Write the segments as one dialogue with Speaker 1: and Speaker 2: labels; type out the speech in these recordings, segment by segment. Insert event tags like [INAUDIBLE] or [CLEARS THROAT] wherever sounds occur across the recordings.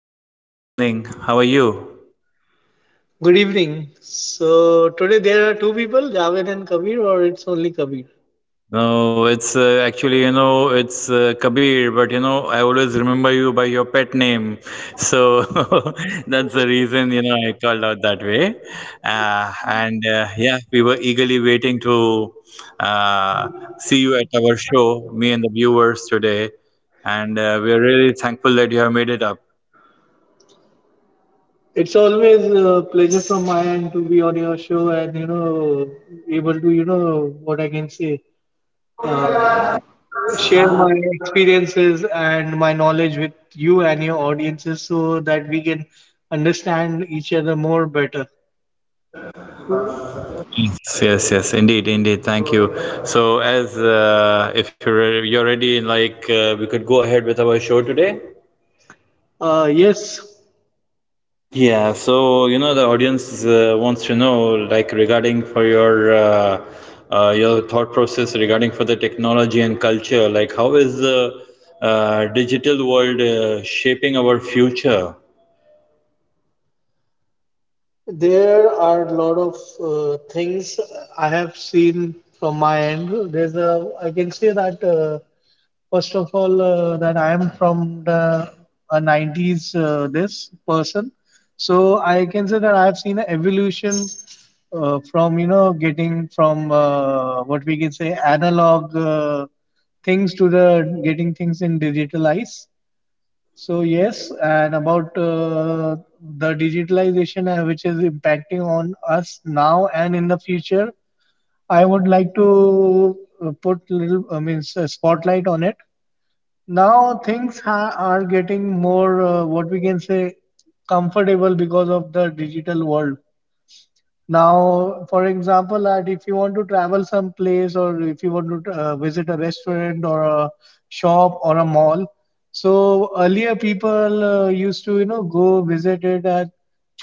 Speaker 1: podcast show today evening. How are you?
Speaker 2: Good evening. So today there are two people, Javed and Kabir, or it's only Kabir.
Speaker 1: No, it's Actually, you know, it's Kabir, but you know, I always remember you by your pet name. So [LAUGHS] that's the reason, you know, I called out that way. And Yeah, we were eagerly waiting to see you at our show, me and the viewers today. And We're really thankful that you have made it up.
Speaker 2: It's always a pleasure from my end to be on your show and you know able to you know what I can say uh, share my experiences and my knowledge with you and your audiences so that we can understand each other more better. So,
Speaker 1: Yes, yes, yes, indeed, indeed. Thank you. So, as if you're ready, we could go ahead with our show today.
Speaker 2: Yes.
Speaker 1: Yeah. So you know the audience wants to know, like regarding for your thought process regarding for the technology and culture. Like, how is the digital world shaping our future?
Speaker 2: There are a lot of things I have seen from my end. There's a, I can say that first of all that I am from the 90s this person, so I can say that I have seen an evolution from you know getting from what we can say analog things to the getting things in digitalized. So yes, and about the digitalization which is impacting on us now and in the future, I would like to put little, I mean, spotlight on it. Now things ha are getting more, what we can say, comfortable because of the digital world. Now, for example, that if you want to travel someplace or if you want to visit a restaurant or a shop or a mall, so earlier people used to, you know, go visit it at,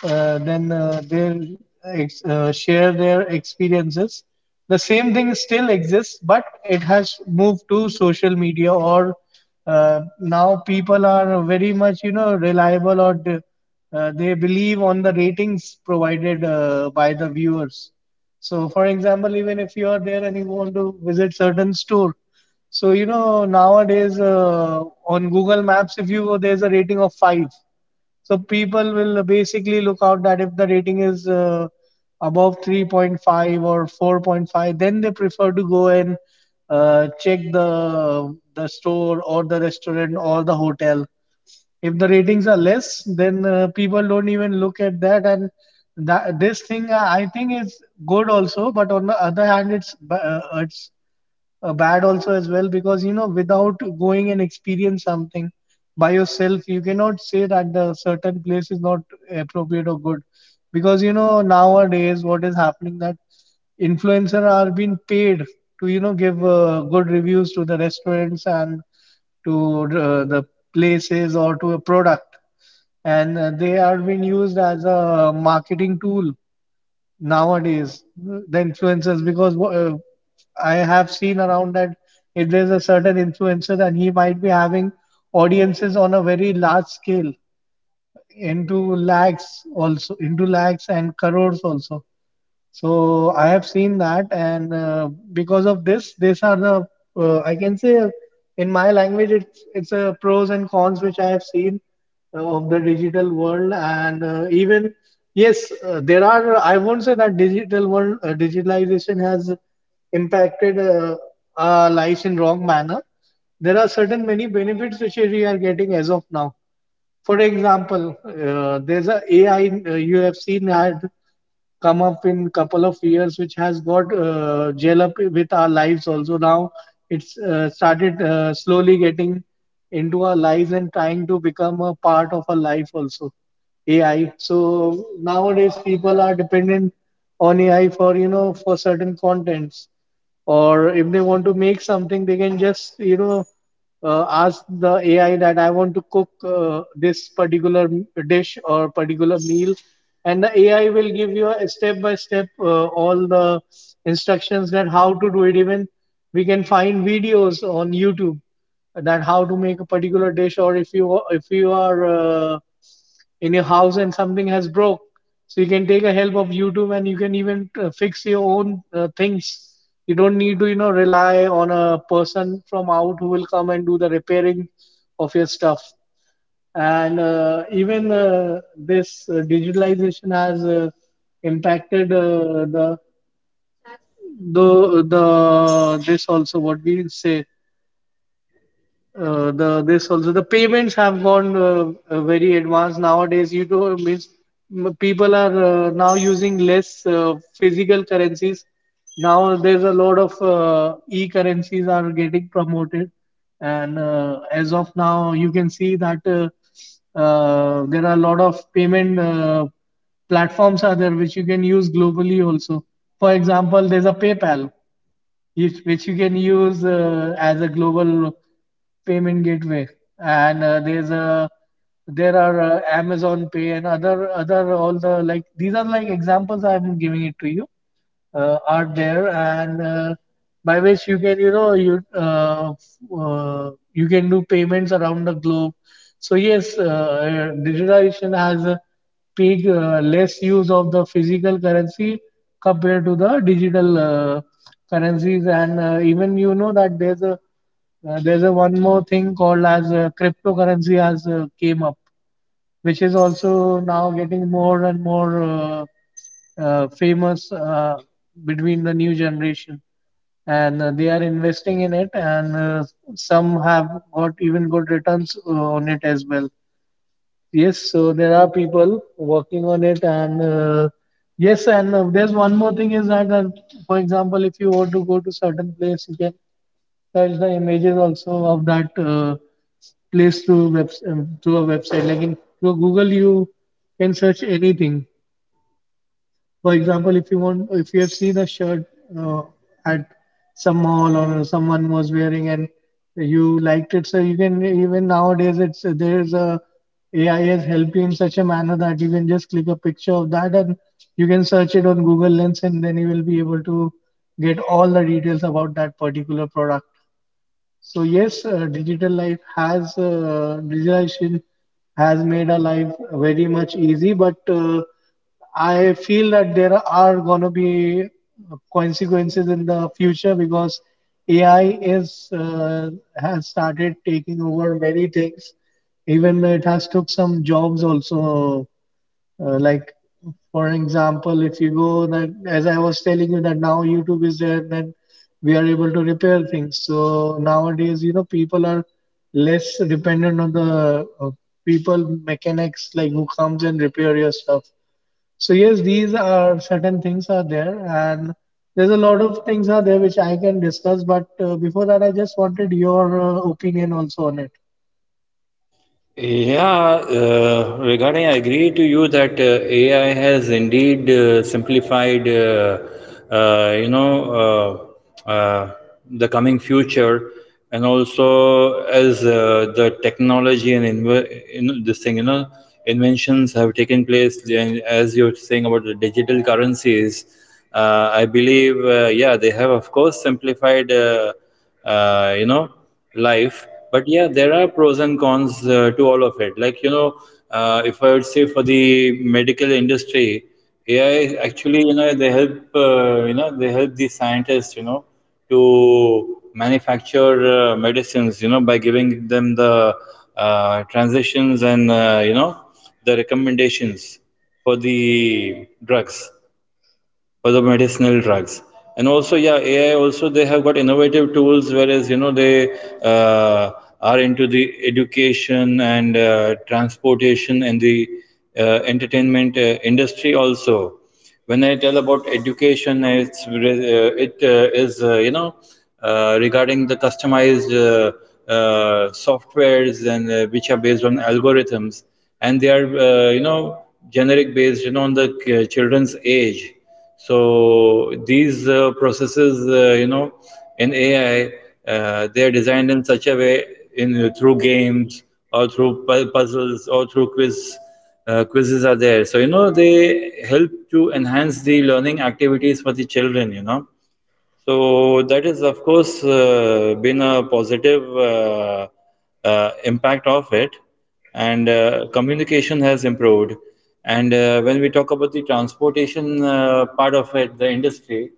Speaker 2: uh, then they share their experiences. The same thing still exists, but it has moved to social media or now people are very much, you know, reliable or they believe on the ratings provided by the viewers. So, for example, even if you are there and you want to visit certain store, so you know nowadays on Google Maps, if you go, there's a rating of five. So people will basically look out that if the rating is above 3.5 or 4.5, then they prefer to go and check the store or the restaurant or the hotel if the ratings are less, then people don't even look at that. And that, this thing, I think, is good also. But on the other hand, it's bad also as well because you know without going and experience something by yourself you cannot say that the certain place is not appropriate or good because you know nowadays what is happening that influencer are being paid to you know give good reviews to the restaurants and to the places or to a product and they are being used as a marketing tool nowadays the influencers because I have seen around that if there's a certain influencer and he might be having audiences on a very large scale into lakhs, also into lakhs and crores also. So I have seen that, and because of this, these are the I can say in my language it's a pros and cons which I have seen of the digital world, and even yes, there are, I won't say that digital world digitalization has impacted our lives in wrong manner. There are certain many benefits which we are getting as of now. For example, there's a AI you have seen had come up in couple of years, which has got gel up with our lives also. Now it's started slowly getting into our lives and trying to become a part of our life also. AI. So nowadays people are dependent on AI for you know for certain contents, or if they want to make something, they can just you know ask the AI that I want to cook this particular dish or particular meal, and the AI will give you a step by step all the instructions that how to do it. Even we can find videos on YouTube that how to make a particular dish, or if you are in your house and something has broke so you can take a help of YouTube and you can even fix your own things. You don't need to you know rely on a person from out who will come and do the repairing of your stuff. And even this digitalization has impacted the the this also what we say the this also the payments have gone very advanced nowadays you know means people are now using less physical currencies. Now there's a lot of e currencies are getting promoted, and as of now you can see that there are a lot of payment platforms are there which you can use globally also. For example, there's a PayPal which you can use as a global payment gateway. And there's a there are Amazon Pay and other other all the like, these are like examples I'm giving it to you are there, and by which you can you know you you can do payments around the globe. So yes, digitalization has big less use of the physical currency compared to the digital currencies. And even you know that there's a one more thing called as cryptocurrency has came up, which is also now getting more and more famous between the new generation, and they are investing in it, and some have got even good returns on it as well. Yes, so there are people working on it, and yes, and there's one more thing is that, for example, if you want to go to certain place, you can search the images also of that place through web through a website. Like in through Google, you can search anything. For example, if you have seen a shirt uh, at some mall or someone was wearing and you liked it, so you can even nowadays it's there's a AI has helped you in such a manner that you can just click a picture of that and you can search it on Google Lens, and then you will be able to get all the details about that particular product. So yes, digital life has digitalization has made our life very much easy, but I feel that there are gonna be consequences in the future because AI is has started taking over many things. Even it has took some jobs also like for example, if you go that as I was telling you that now YouTube is there, then we are able to repair things. So nowadays, you know, people are less dependent on the people mechanics like who comes and repair your stuff. So yes, these are certain things are there, and there's a lot of things are there which I can discuss. But before that, I just wanted your opinion also on it.
Speaker 1: Yeah, Regarding, I agree to you that AI has indeed simplified, uh, you know, uh, uh, the coming future, and also as the technology and in this thing, you know, inventions have taken place, and as you're saying about the digital currencies, I believe, yeah, they have of course simplified, uh, you know life. But yeah, there are pros and cons to all of it, like you know, if I would say for the medical industry, AI actually, you know, they help, you know, they help the scientists, you know, to manufacture medicines, you know, by giving them the transitions and, you know, the recommendations for the drugs, for the medicinal drugs. And also, yeah, AI also, they have got innovative tools, whereas you know they uh, are into the education and transportation and the uh, entertainment industry also. When I tell about education, it's it is you know, regarding the customized softwares and, which are based on algorithms, and they are, you know, generic based, you know, on the children's age. So these processes, you know, in AI, they are designed in such a way in, through games or through puzzles or through quizzes are there. So, you know, they help to enhance the learning activities for the children, you know. So, that is, of course, been a positive impact of it, and communication has improved. And when we talk about the transportation part of it, the industry,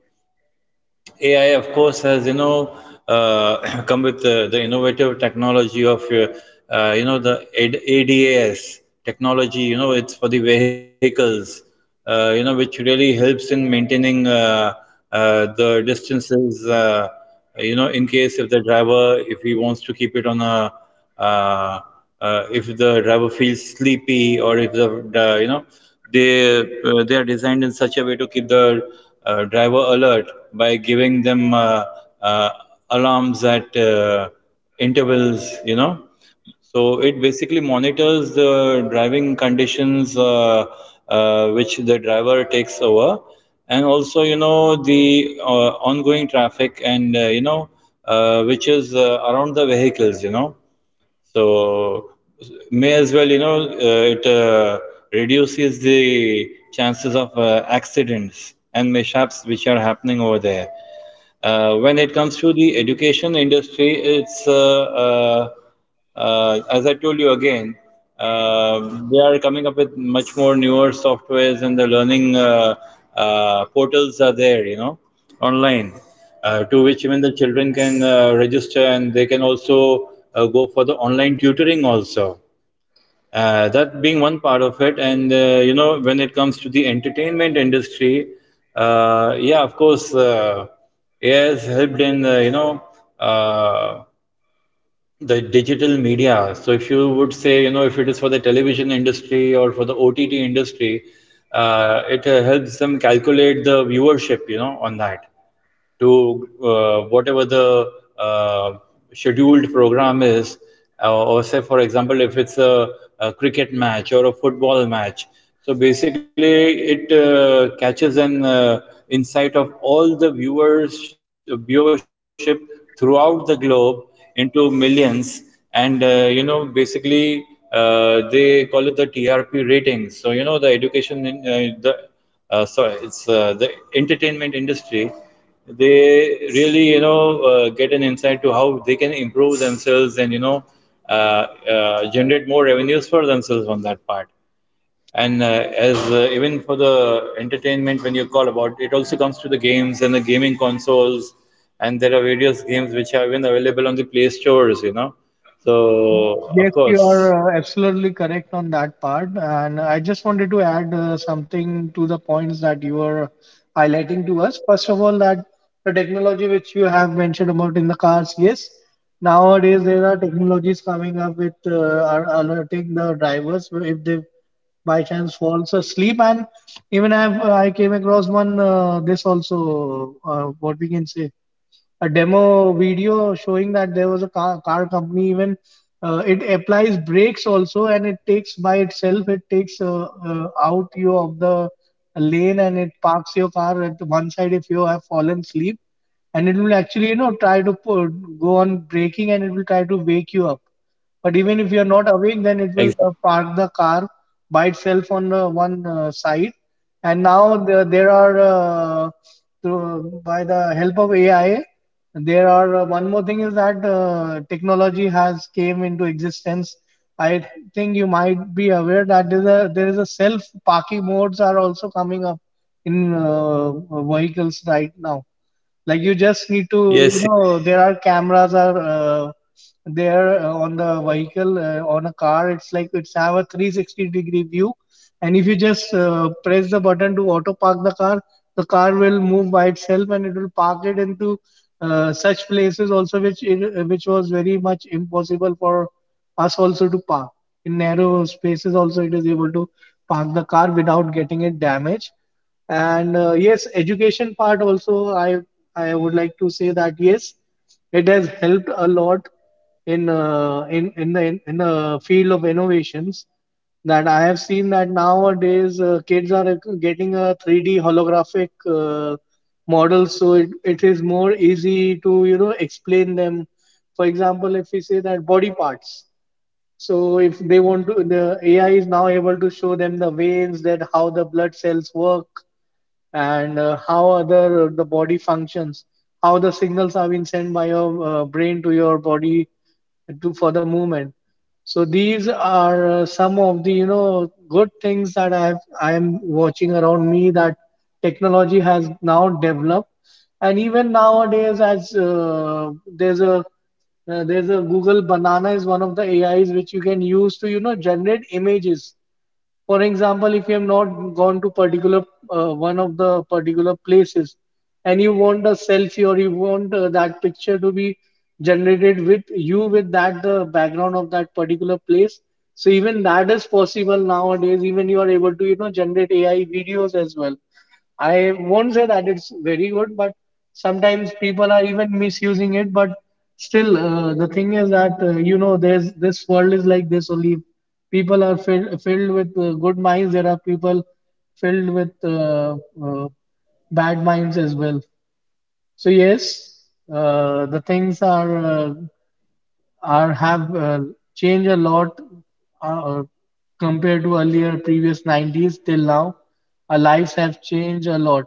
Speaker 1: AI, of course, has, you know, [CLEARS THROAT] come with the innovative technology of, you know, the ADAS technology. You know, it's for the vehicles. You know, which really helps in maintaining the distances. You know, in case if the driver, if he wants to keep it on a, uh, if the driver feels sleepy, or if the, the, you know, they are designed in such a way to keep the driver alert by giving them alarms at intervals, you know, so it basically monitors the driving conditions, which the driver takes over, and also, you know, the ongoing traffic and, you know, which is around the vehicles. You know, so may as well, you know, it reduces the chances of accidents and mishaps which are happening over there. When it comes to the education industry, it's as I told you again, uh, they are coming up with much more newer softwares, and the learning portals are there, you know, online, to which even the children can register, and they can also go for the online tutoring also. That being one part of it. And you know, when it comes to the entertainment industry, yeah, of course, AI has helped in, you know, uh, the digital media. So if you would say, you know, if it is for the television industry or for the OTT industry, it helps them calculate the viewership, you know, on that to whatever the uh, scheduled program is, or say, for example, if it's a cricket match or a football match. So basically, it catches an insight of all the viewers viewership throughout the globe into millions, and, you know, basically, they call it the TRP ratings. So you know the education in the so it's the entertainment industry, they really, you know, get an insight to how they can improve themselves, and you know, generate more revenues for themselves on that part. And as even for the entertainment, when you call about it, also comes to the games and the gaming consoles, and there are various games which are even available on the play stores, you know, so
Speaker 2: Yes,
Speaker 1: of
Speaker 2: you are
Speaker 1: course,
Speaker 2: absolutely correct on that part. And I just wanted to add something to the points that you were highlighting to us. First of all, that the technology which you have mentioned about in the cars, yes, nowadays there are technologies coming up with are alerting the drivers if they by chance falls asleep. And even I came across one this also, what we can say a demo video showing that there was a car company even it applies brakes also, and it takes by itself, it takes out you of the lane, and it parks your car at one side if you have fallen asleep, and it will actually you know try to put, go on braking, and it will try to wake you up, but even if you're not
Speaker 1: exactly,
Speaker 2: awake, then it will park the car by itself on one side. And now there are, through, by the help of AI, there are one more thing is that technology has came into existence. I think you might be aware that there is a self parking modes are also coming up in vehicles right now. Like you just need
Speaker 1: yes.
Speaker 2: to, you know, there are cameras are there on the vehicle, on a car. It's like it's have a 360-degree view, and if you just press the button to auto park the car will move by itself and it will park it into such places also which which was very much impossible for us also to park. In narrow spaces also it is able to park the car without getting it damaged. And yes, education part also, I would like to say that yes, it has helped a lot in the field of innovations that I have seen, that nowadays kids are getting a 3D holographic model, so it is more easy to, you know, explain them. For example, if we say that body parts, so if they want to, the AI is now able to show them the veins, that how the blood cells work, and how other the body functions, how the signals are being sent by your brain to your body to for the movement. So these are some of the, you know, good things that I am watching around me, that technology has now developed. And even nowadays, as there's a Google Banana is one of the AIs which you can use to, you know, generate images. For example, if you have not gone to particular one of the particular places, and you want a selfie or you want that picture to be generated with you with that the background of that particular place. So even that is possible nowadays. Even you are able to, you know, generate AI videos as well. I won't say that it's very good, but sometimes people are even misusing it. But still, the thing is that, you know, there's this world is like this only. People are filled with good minds. There are people filled with uh, bad minds as well. So yes, the things are have changed a lot uh, compared to earlier previous 90s till now. Our lives have changed a lot.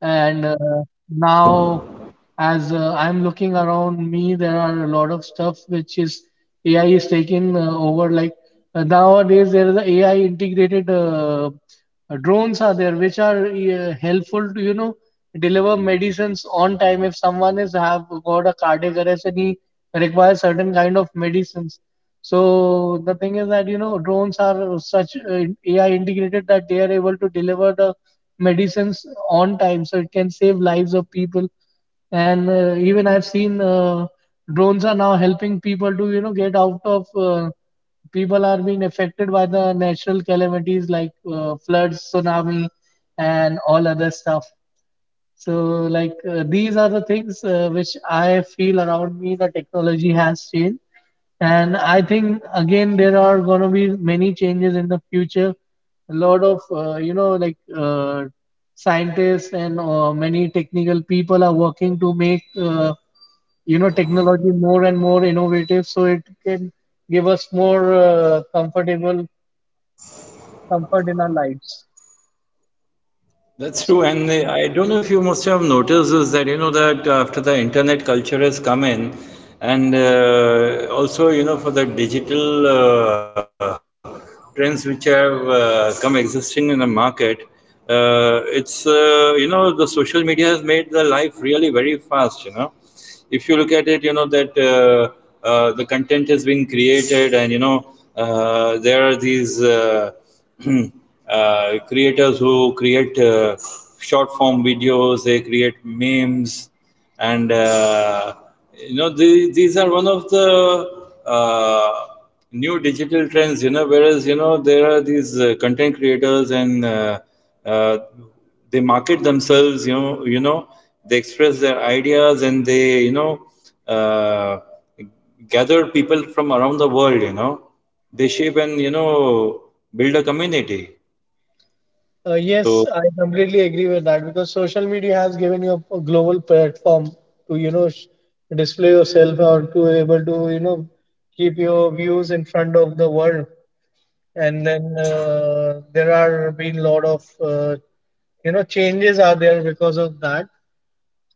Speaker 2: And now, as I'm looking around me, there are a lot of stuff which is AI is taking over. Like nowadays, there is a AI integrated drones are there which are helpful to, you know, deliver medicines on time if someone is have got a cardiac arrest and he requires certain kind of medicines. So the thing is that, you know, drones are such AI integrated that they are able to deliver the medicines on time, so it can save lives of people. And even I've seen drones are now helping people to, you know, get out of. People are being affected by the natural calamities like floods, tsunami, and all other stuff. So, like, these are the things which I feel around me the technology has changed. And I think, again, there are going to be many changes in the future. A lot of, you know, scientists and many technical people are working to make, you know, technology more and more innovative so it can give us more comfort in our lives.
Speaker 1: That's true, and the, I don't know if you must have noticed is that you know that after the internet culture has come in, and also you know for the digital trends which have come existing in the market, it's you know, the social media has made the life really very fast. You know, if you look at it, you know that the content has been created, and you know, there are these [CLEARS THROAT] creators who create short form videos, they create memes. And you know, these are one of the uh, new digital trends, you know, whereas you know there are these content creators and uh, they market themselves. You know, you know, they express their ideas, and they, you know, uh, gather people from around the world, you know, they shape, and you know, build a community,
Speaker 2: Yes,
Speaker 1: so.
Speaker 2: I completely agree with that, because social media has given you a global platform to, you know, display yourself or to able to, you know, keep your views in front of the world. And then there are been lot of, you know, changes are there because of that.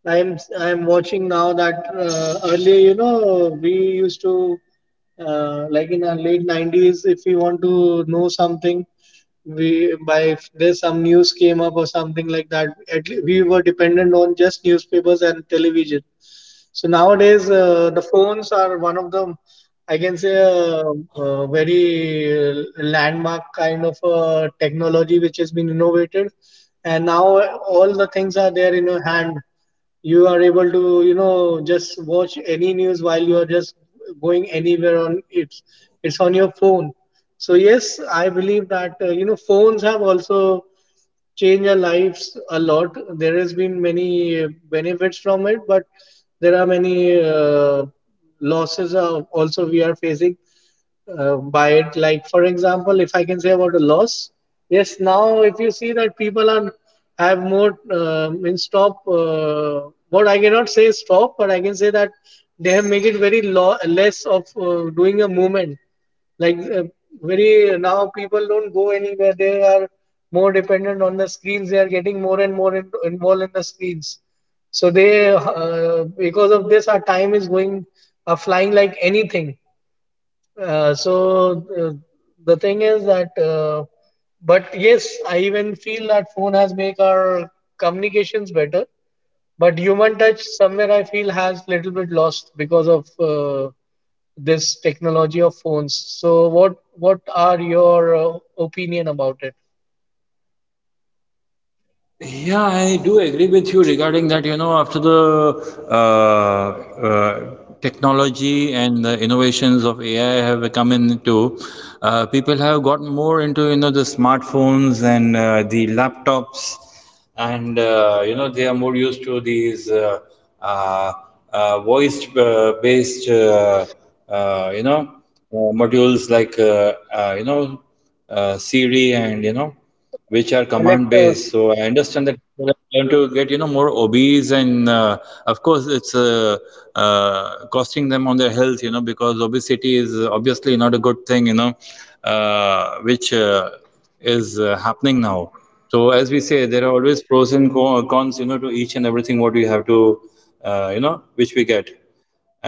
Speaker 2: I'm watching now that earlier, you know, we used to like in our late 90s, if we want to know something, we by if there's some news came up or something like that, at le we were dependent on just newspapers and television. So nowadays, the phones are one of the, I can say, very landmark kind of technology which has been innovated, and now all the things are there in your hand. You are able to, you know, just watch any news while you are just going anywhere on it. It's on your phone. So yes, I believe that, you know, phones have also change our lives a lot. There has been many benefits from it, but there are many losses are also we are facing by it. Like, for example, if I can say about a loss, yes, now if you see that people are have more what I cannot say stop, but I can say that they have make it very less of doing a movement. Like, very now people don't go anywhere, they are more dependent on the screens, they are getting more and more involved in the screens. So they, because of this, our time is going, flying like anything. uh, so uh, the thing is that, but yes, I even feel that phone has make our communications better, but human touch somewhere I feel has little bit lost because of this technology of phones. So what are your opinion about it?
Speaker 1: Yeah, I do agree with you regarding that. You know, after the uh, uh, technology and the innovations of AI have come into, people have gotten more into, you know, the smartphones and the laptops. And you know, they are more used to these uh, voice based you know, uh, modules like, you know, Siri, and you know, which are command
Speaker 2: Alexa.
Speaker 1: based. So I understand that people have learned to get, you know, more obese, and of course, it's costing them on their health, you know, because obesity is obviously not a good thing, you know, which is happening now. So as we say, there are always pros and cons, you know, to each and everything what we have to, you know, which we get.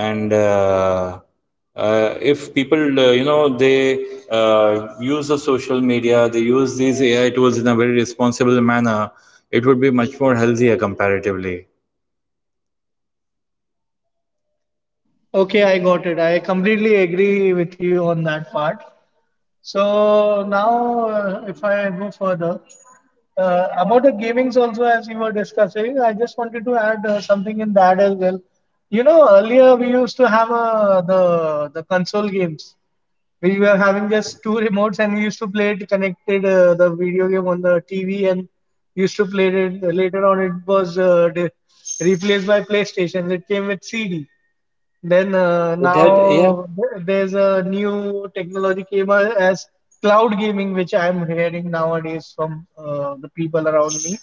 Speaker 1: And if people, you know, they use the social media, they use these AI tools in a very responsible manner, it would be much more healthier comparatively.
Speaker 2: Okay, I got it. I completely agree with you on that part. So now, if I go further, about the gamings also, as you were discussing, I just wanted to add something in that as well. You know, earlier we used to have the console games. We were having just two remotes, and we used to play it connected the video game on the TV, and used to play it. Later on, it was replaced by PlayStation. It came with CD. Then
Speaker 1: It had, yeah.
Speaker 2: now there's a new technology came out as cloud gaming, which I'm hearing nowadays from the people around me.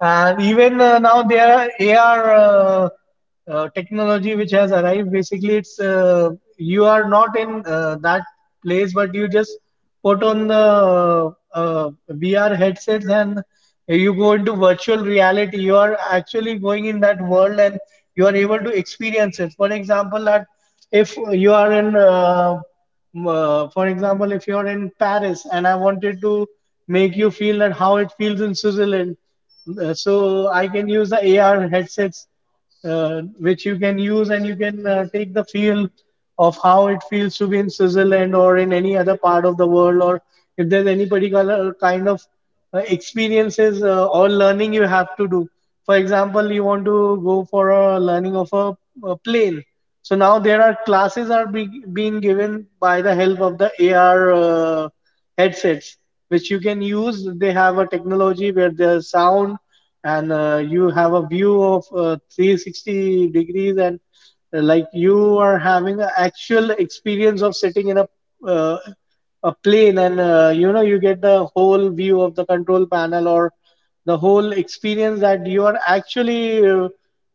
Speaker 2: And even now there are AR technology which has arrived. Basically, it's you are not in that place, but you just put on the VR headsets and you go into virtual reality. You are actually going in that world and you are able to experience it. For example, that if you are in for example, if you're in Paris and I wanted to make you feel that how it feels in Switzerland, So I can use the AR headsets, uh, which you can use and you can take the feel of how it feels to be in Switzerland or in any other part of the world, or if there's any particular kind of experiences or learning you have to do. For example, you want to go for a learning of a plane. So now there are classes are being given by the help of the AR headsets which you can use. They have a technology where there's sound and you have a view of 360 degrees, and like you are having an actual experience of sitting in uh, a plane, and you know, you get the whole view of the control panel or the whole experience that you are actually,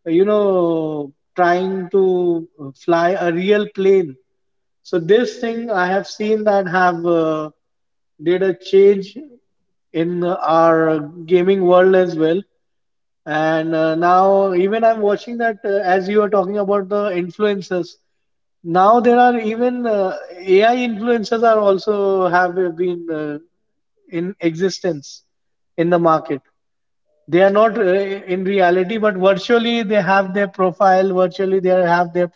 Speaker 2: you know, trying to fly a real plane. So this thing I have seen that have did a change in our gaming world as well. And now even I'm watching that as you are talking about the influencers. Now there are even AI influencers are also have been in existence in the market. They are not in reality, but virtually they have their profile, virtually they have their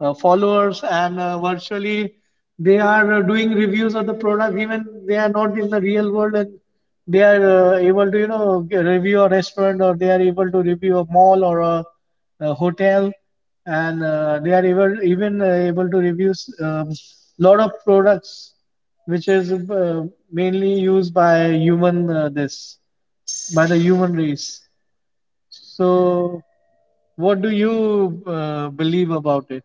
Speaker 2: followers, and virtually they are doing reviews of the product, even they are not in the real world, and they are able to, you know, review a restaurant, or they are able to review a mall or a hotel, and they are able, even able to review a lot of products which is mainly used by human this by the human race. So, what do you believe about it?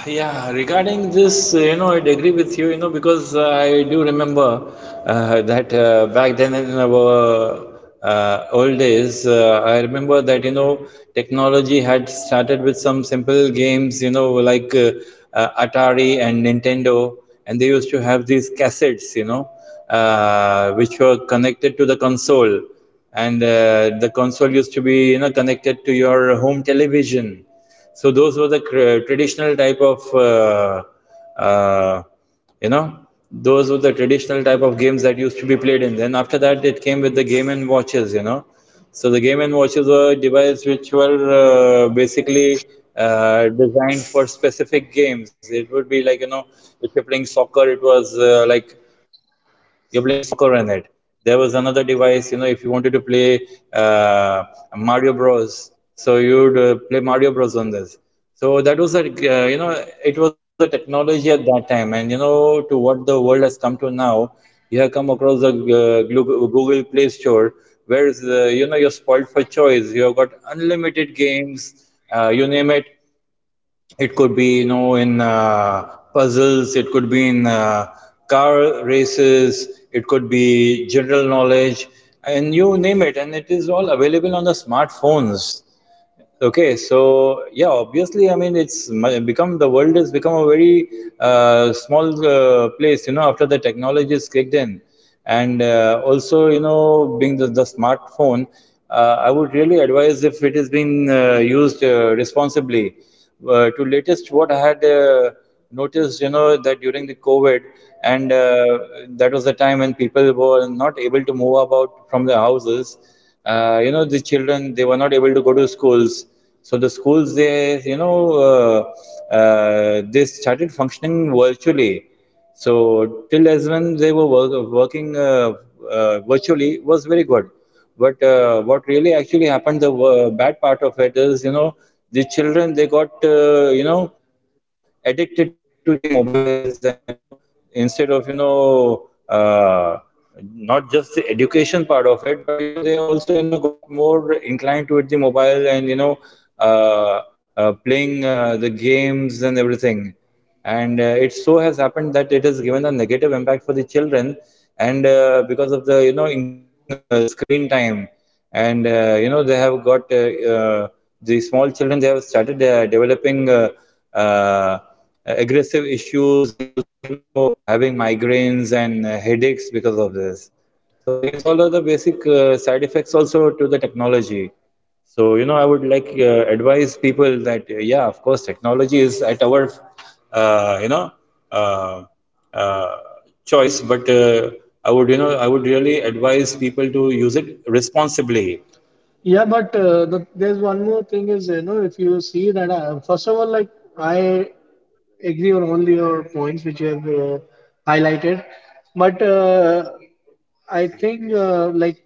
Speaker 1: Yeah, regarding this, you know, I'd agree with you, you know, because I do remember that back then in our old days, I remember that, you know, technology had started with some simple games, you know, like Atari and Nintendo, and they used to have these cassettes, you know, which were connected to the console, and the console used to be, you know, connected to your home television. So those were the traditional type of, uh, you know, those were the traditional type of games that used to be played in. Then after that, it came with the game and watches, you know. So the game and watches were devices which were basically designed for specific games. It would be like, you know, if you're playing soccer, it was, like you're playing soccer in it. There was another device, you know, if you wanted to play Mario Bros, so you'd play Mario Bros on this. So that was a, you know, it was a technology at that time. And you know, to what the world has come to now, you have come across the Google Play Store, where is, you know, you're spoiled for choice. You have got unlimited games, you name it. It could be, you know, in puzzles. It could be in car races. It could be general knowledge, and you name it, and it is all available on the smartphones. Okay, so yeah, obviously, I mean, become, the world has become a very small place, you know, after the technology is kicked in. And also, you know, being the smartphone, I would really advise if it is being used responsibly. To latest, what I had noticed, you know, that during the COVID, and that was the time when people were not able to move about from their houses. You know, the children, they were not able to go to schools. So the schools, they, you know, they started functioning virtually. So till as when they were working virtually was very good. But what really actually happened, the bad part of it is, you know, the children they got, you know, addicted to the mobiles. And you know, instead of, you know, not just the education part of it, but you know they also, you know, got more inclined towards the mobile. And you know, uh, playing the games and everything. And it so has happened that it has given a negative impact for the children. And because of the, you know, increasing screen time, and you know, they have got, uh, the small children, they have started developing uh, aggressive issues, and also you know having migraines and headaches because of this. So these all are the basic side effects also to the technology. So, you know, I would like advise people that, yeah, of course, technology is at our, you know, uh, choice. But I would, you know, I would really advise people to use it
Speaker 2: Yeah,
Speaker 1: responsibly.
Speaker 2: but there's one more thing is, you know, if you see that, I, first of all, like I agree on all your points which you have highlighted, but I think like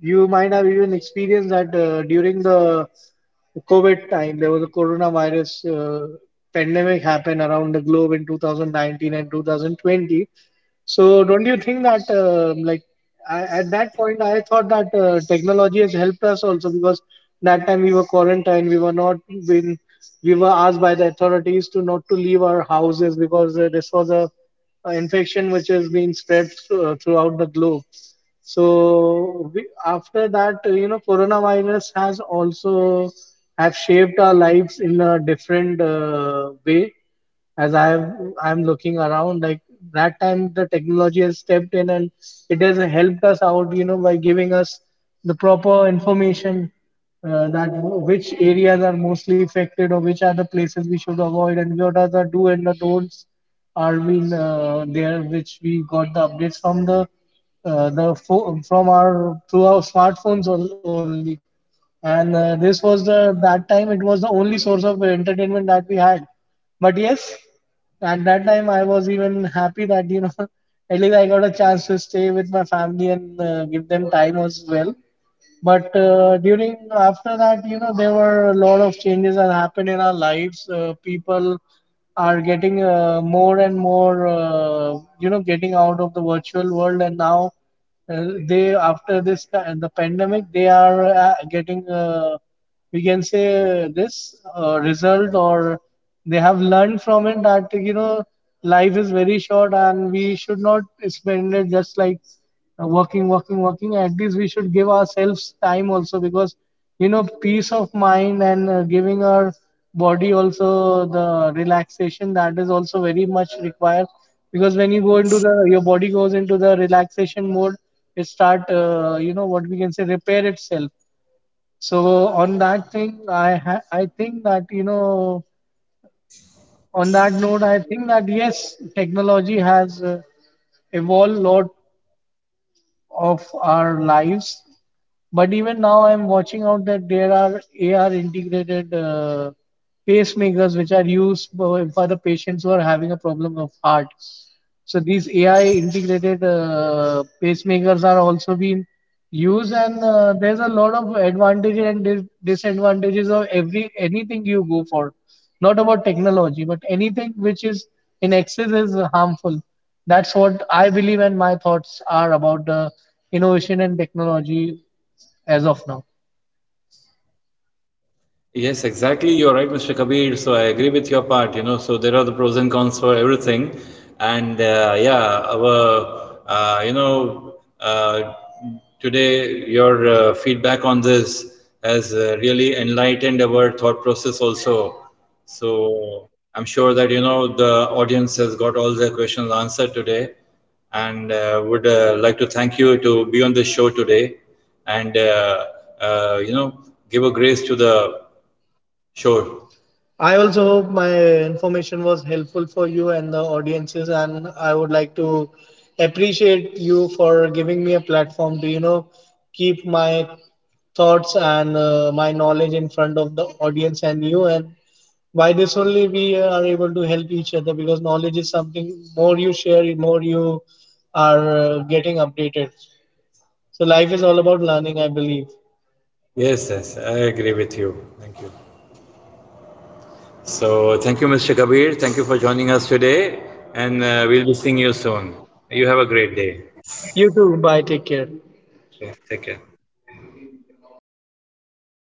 Speaker 2: you might have even experienced that during the COVID time, there was a coronavirus pandemic happened around the globe in 2019 and 2020. So don't you think that like I, at that point I thought that technology has helped us also, because that time we were quarantined, we were not been, we were asked by the authorities to not to leave our houses because this was a infection which has been spread throughout the globe. So we, after that, you know, coronavirus has also have shaped our lives in a different way. As I have, I'm looking around, like that time the technology has stepped in and it has helped us out, you know, by giving us the proper information that which areas are mostly affected or which are the places we should avoid and what are the do and the don'ts are been there, which we got the updates from the from our through our smartphones only. And this was the that time it was the only source of entertainment that we had. But yes, at that time I was even happy that, you know, [LAUGHS] at least I got a chance to stay with my family and give them time as well. But during after that, you know, there were a lot of changes that happened in our lives. People are getting more and more, you know, getting out of the virtual world, and now they after this the pandemic, they are getting we can say this result or they have learned from it, that you know, life is very short and we should not spend it just like working working working. At least we should give ourselves time also, because you know, peace of mind and giving our body also the relaxation, that is also very much required, because when you go into the your body goes into the relaxation mode, it start, you know, what we can say, repair itself. So on that thing, I think that, you know, on that note, I think that yes, technology has evolved a lot of our lives. But even now, I'm watching out that there are AR integrated pacemakers which are used for the patients who are having a problem of heart. So these AI integrated pacemakers are also being used, and there's a lot of advantages and disadvantages of every anything you go for. Not about technology, but anything which is in excess is harmful. That's what I believe, and my thoughts are about the innovation and technology as of now.
Speaker 1: Yes, exactly. You're right, Mr. Kabir. So I agree with your part, you know. So there are the pros and cons for everything. And yeah, our, you know, today your feedback on this has really enlightened our thought process also. So I'm sure that, you know, the audience has got all their questions answered today. And would like to thank you to be on the show today. And you know, give a grace to the shore.
Speaker 2: I hope my information was helpful for you and the audiences, and I would like to appreciate you for giving me a platform to, you know, keep my thoughts and my knowledge in front of the audience and you. And by this only, we are able to help each other, because knowledge is something more you share, more you are getting updated. So life is all about learning, I believe.
Speaker 1: Yes, yes, I agree with you. Thank you. So thank you, Mr. Kabir. Thank you for joining us today, and we'll be seeing you soon. You have a great day.
Speaker 2: You too. Bye. Take care.
Speaker 1: Okay, take care.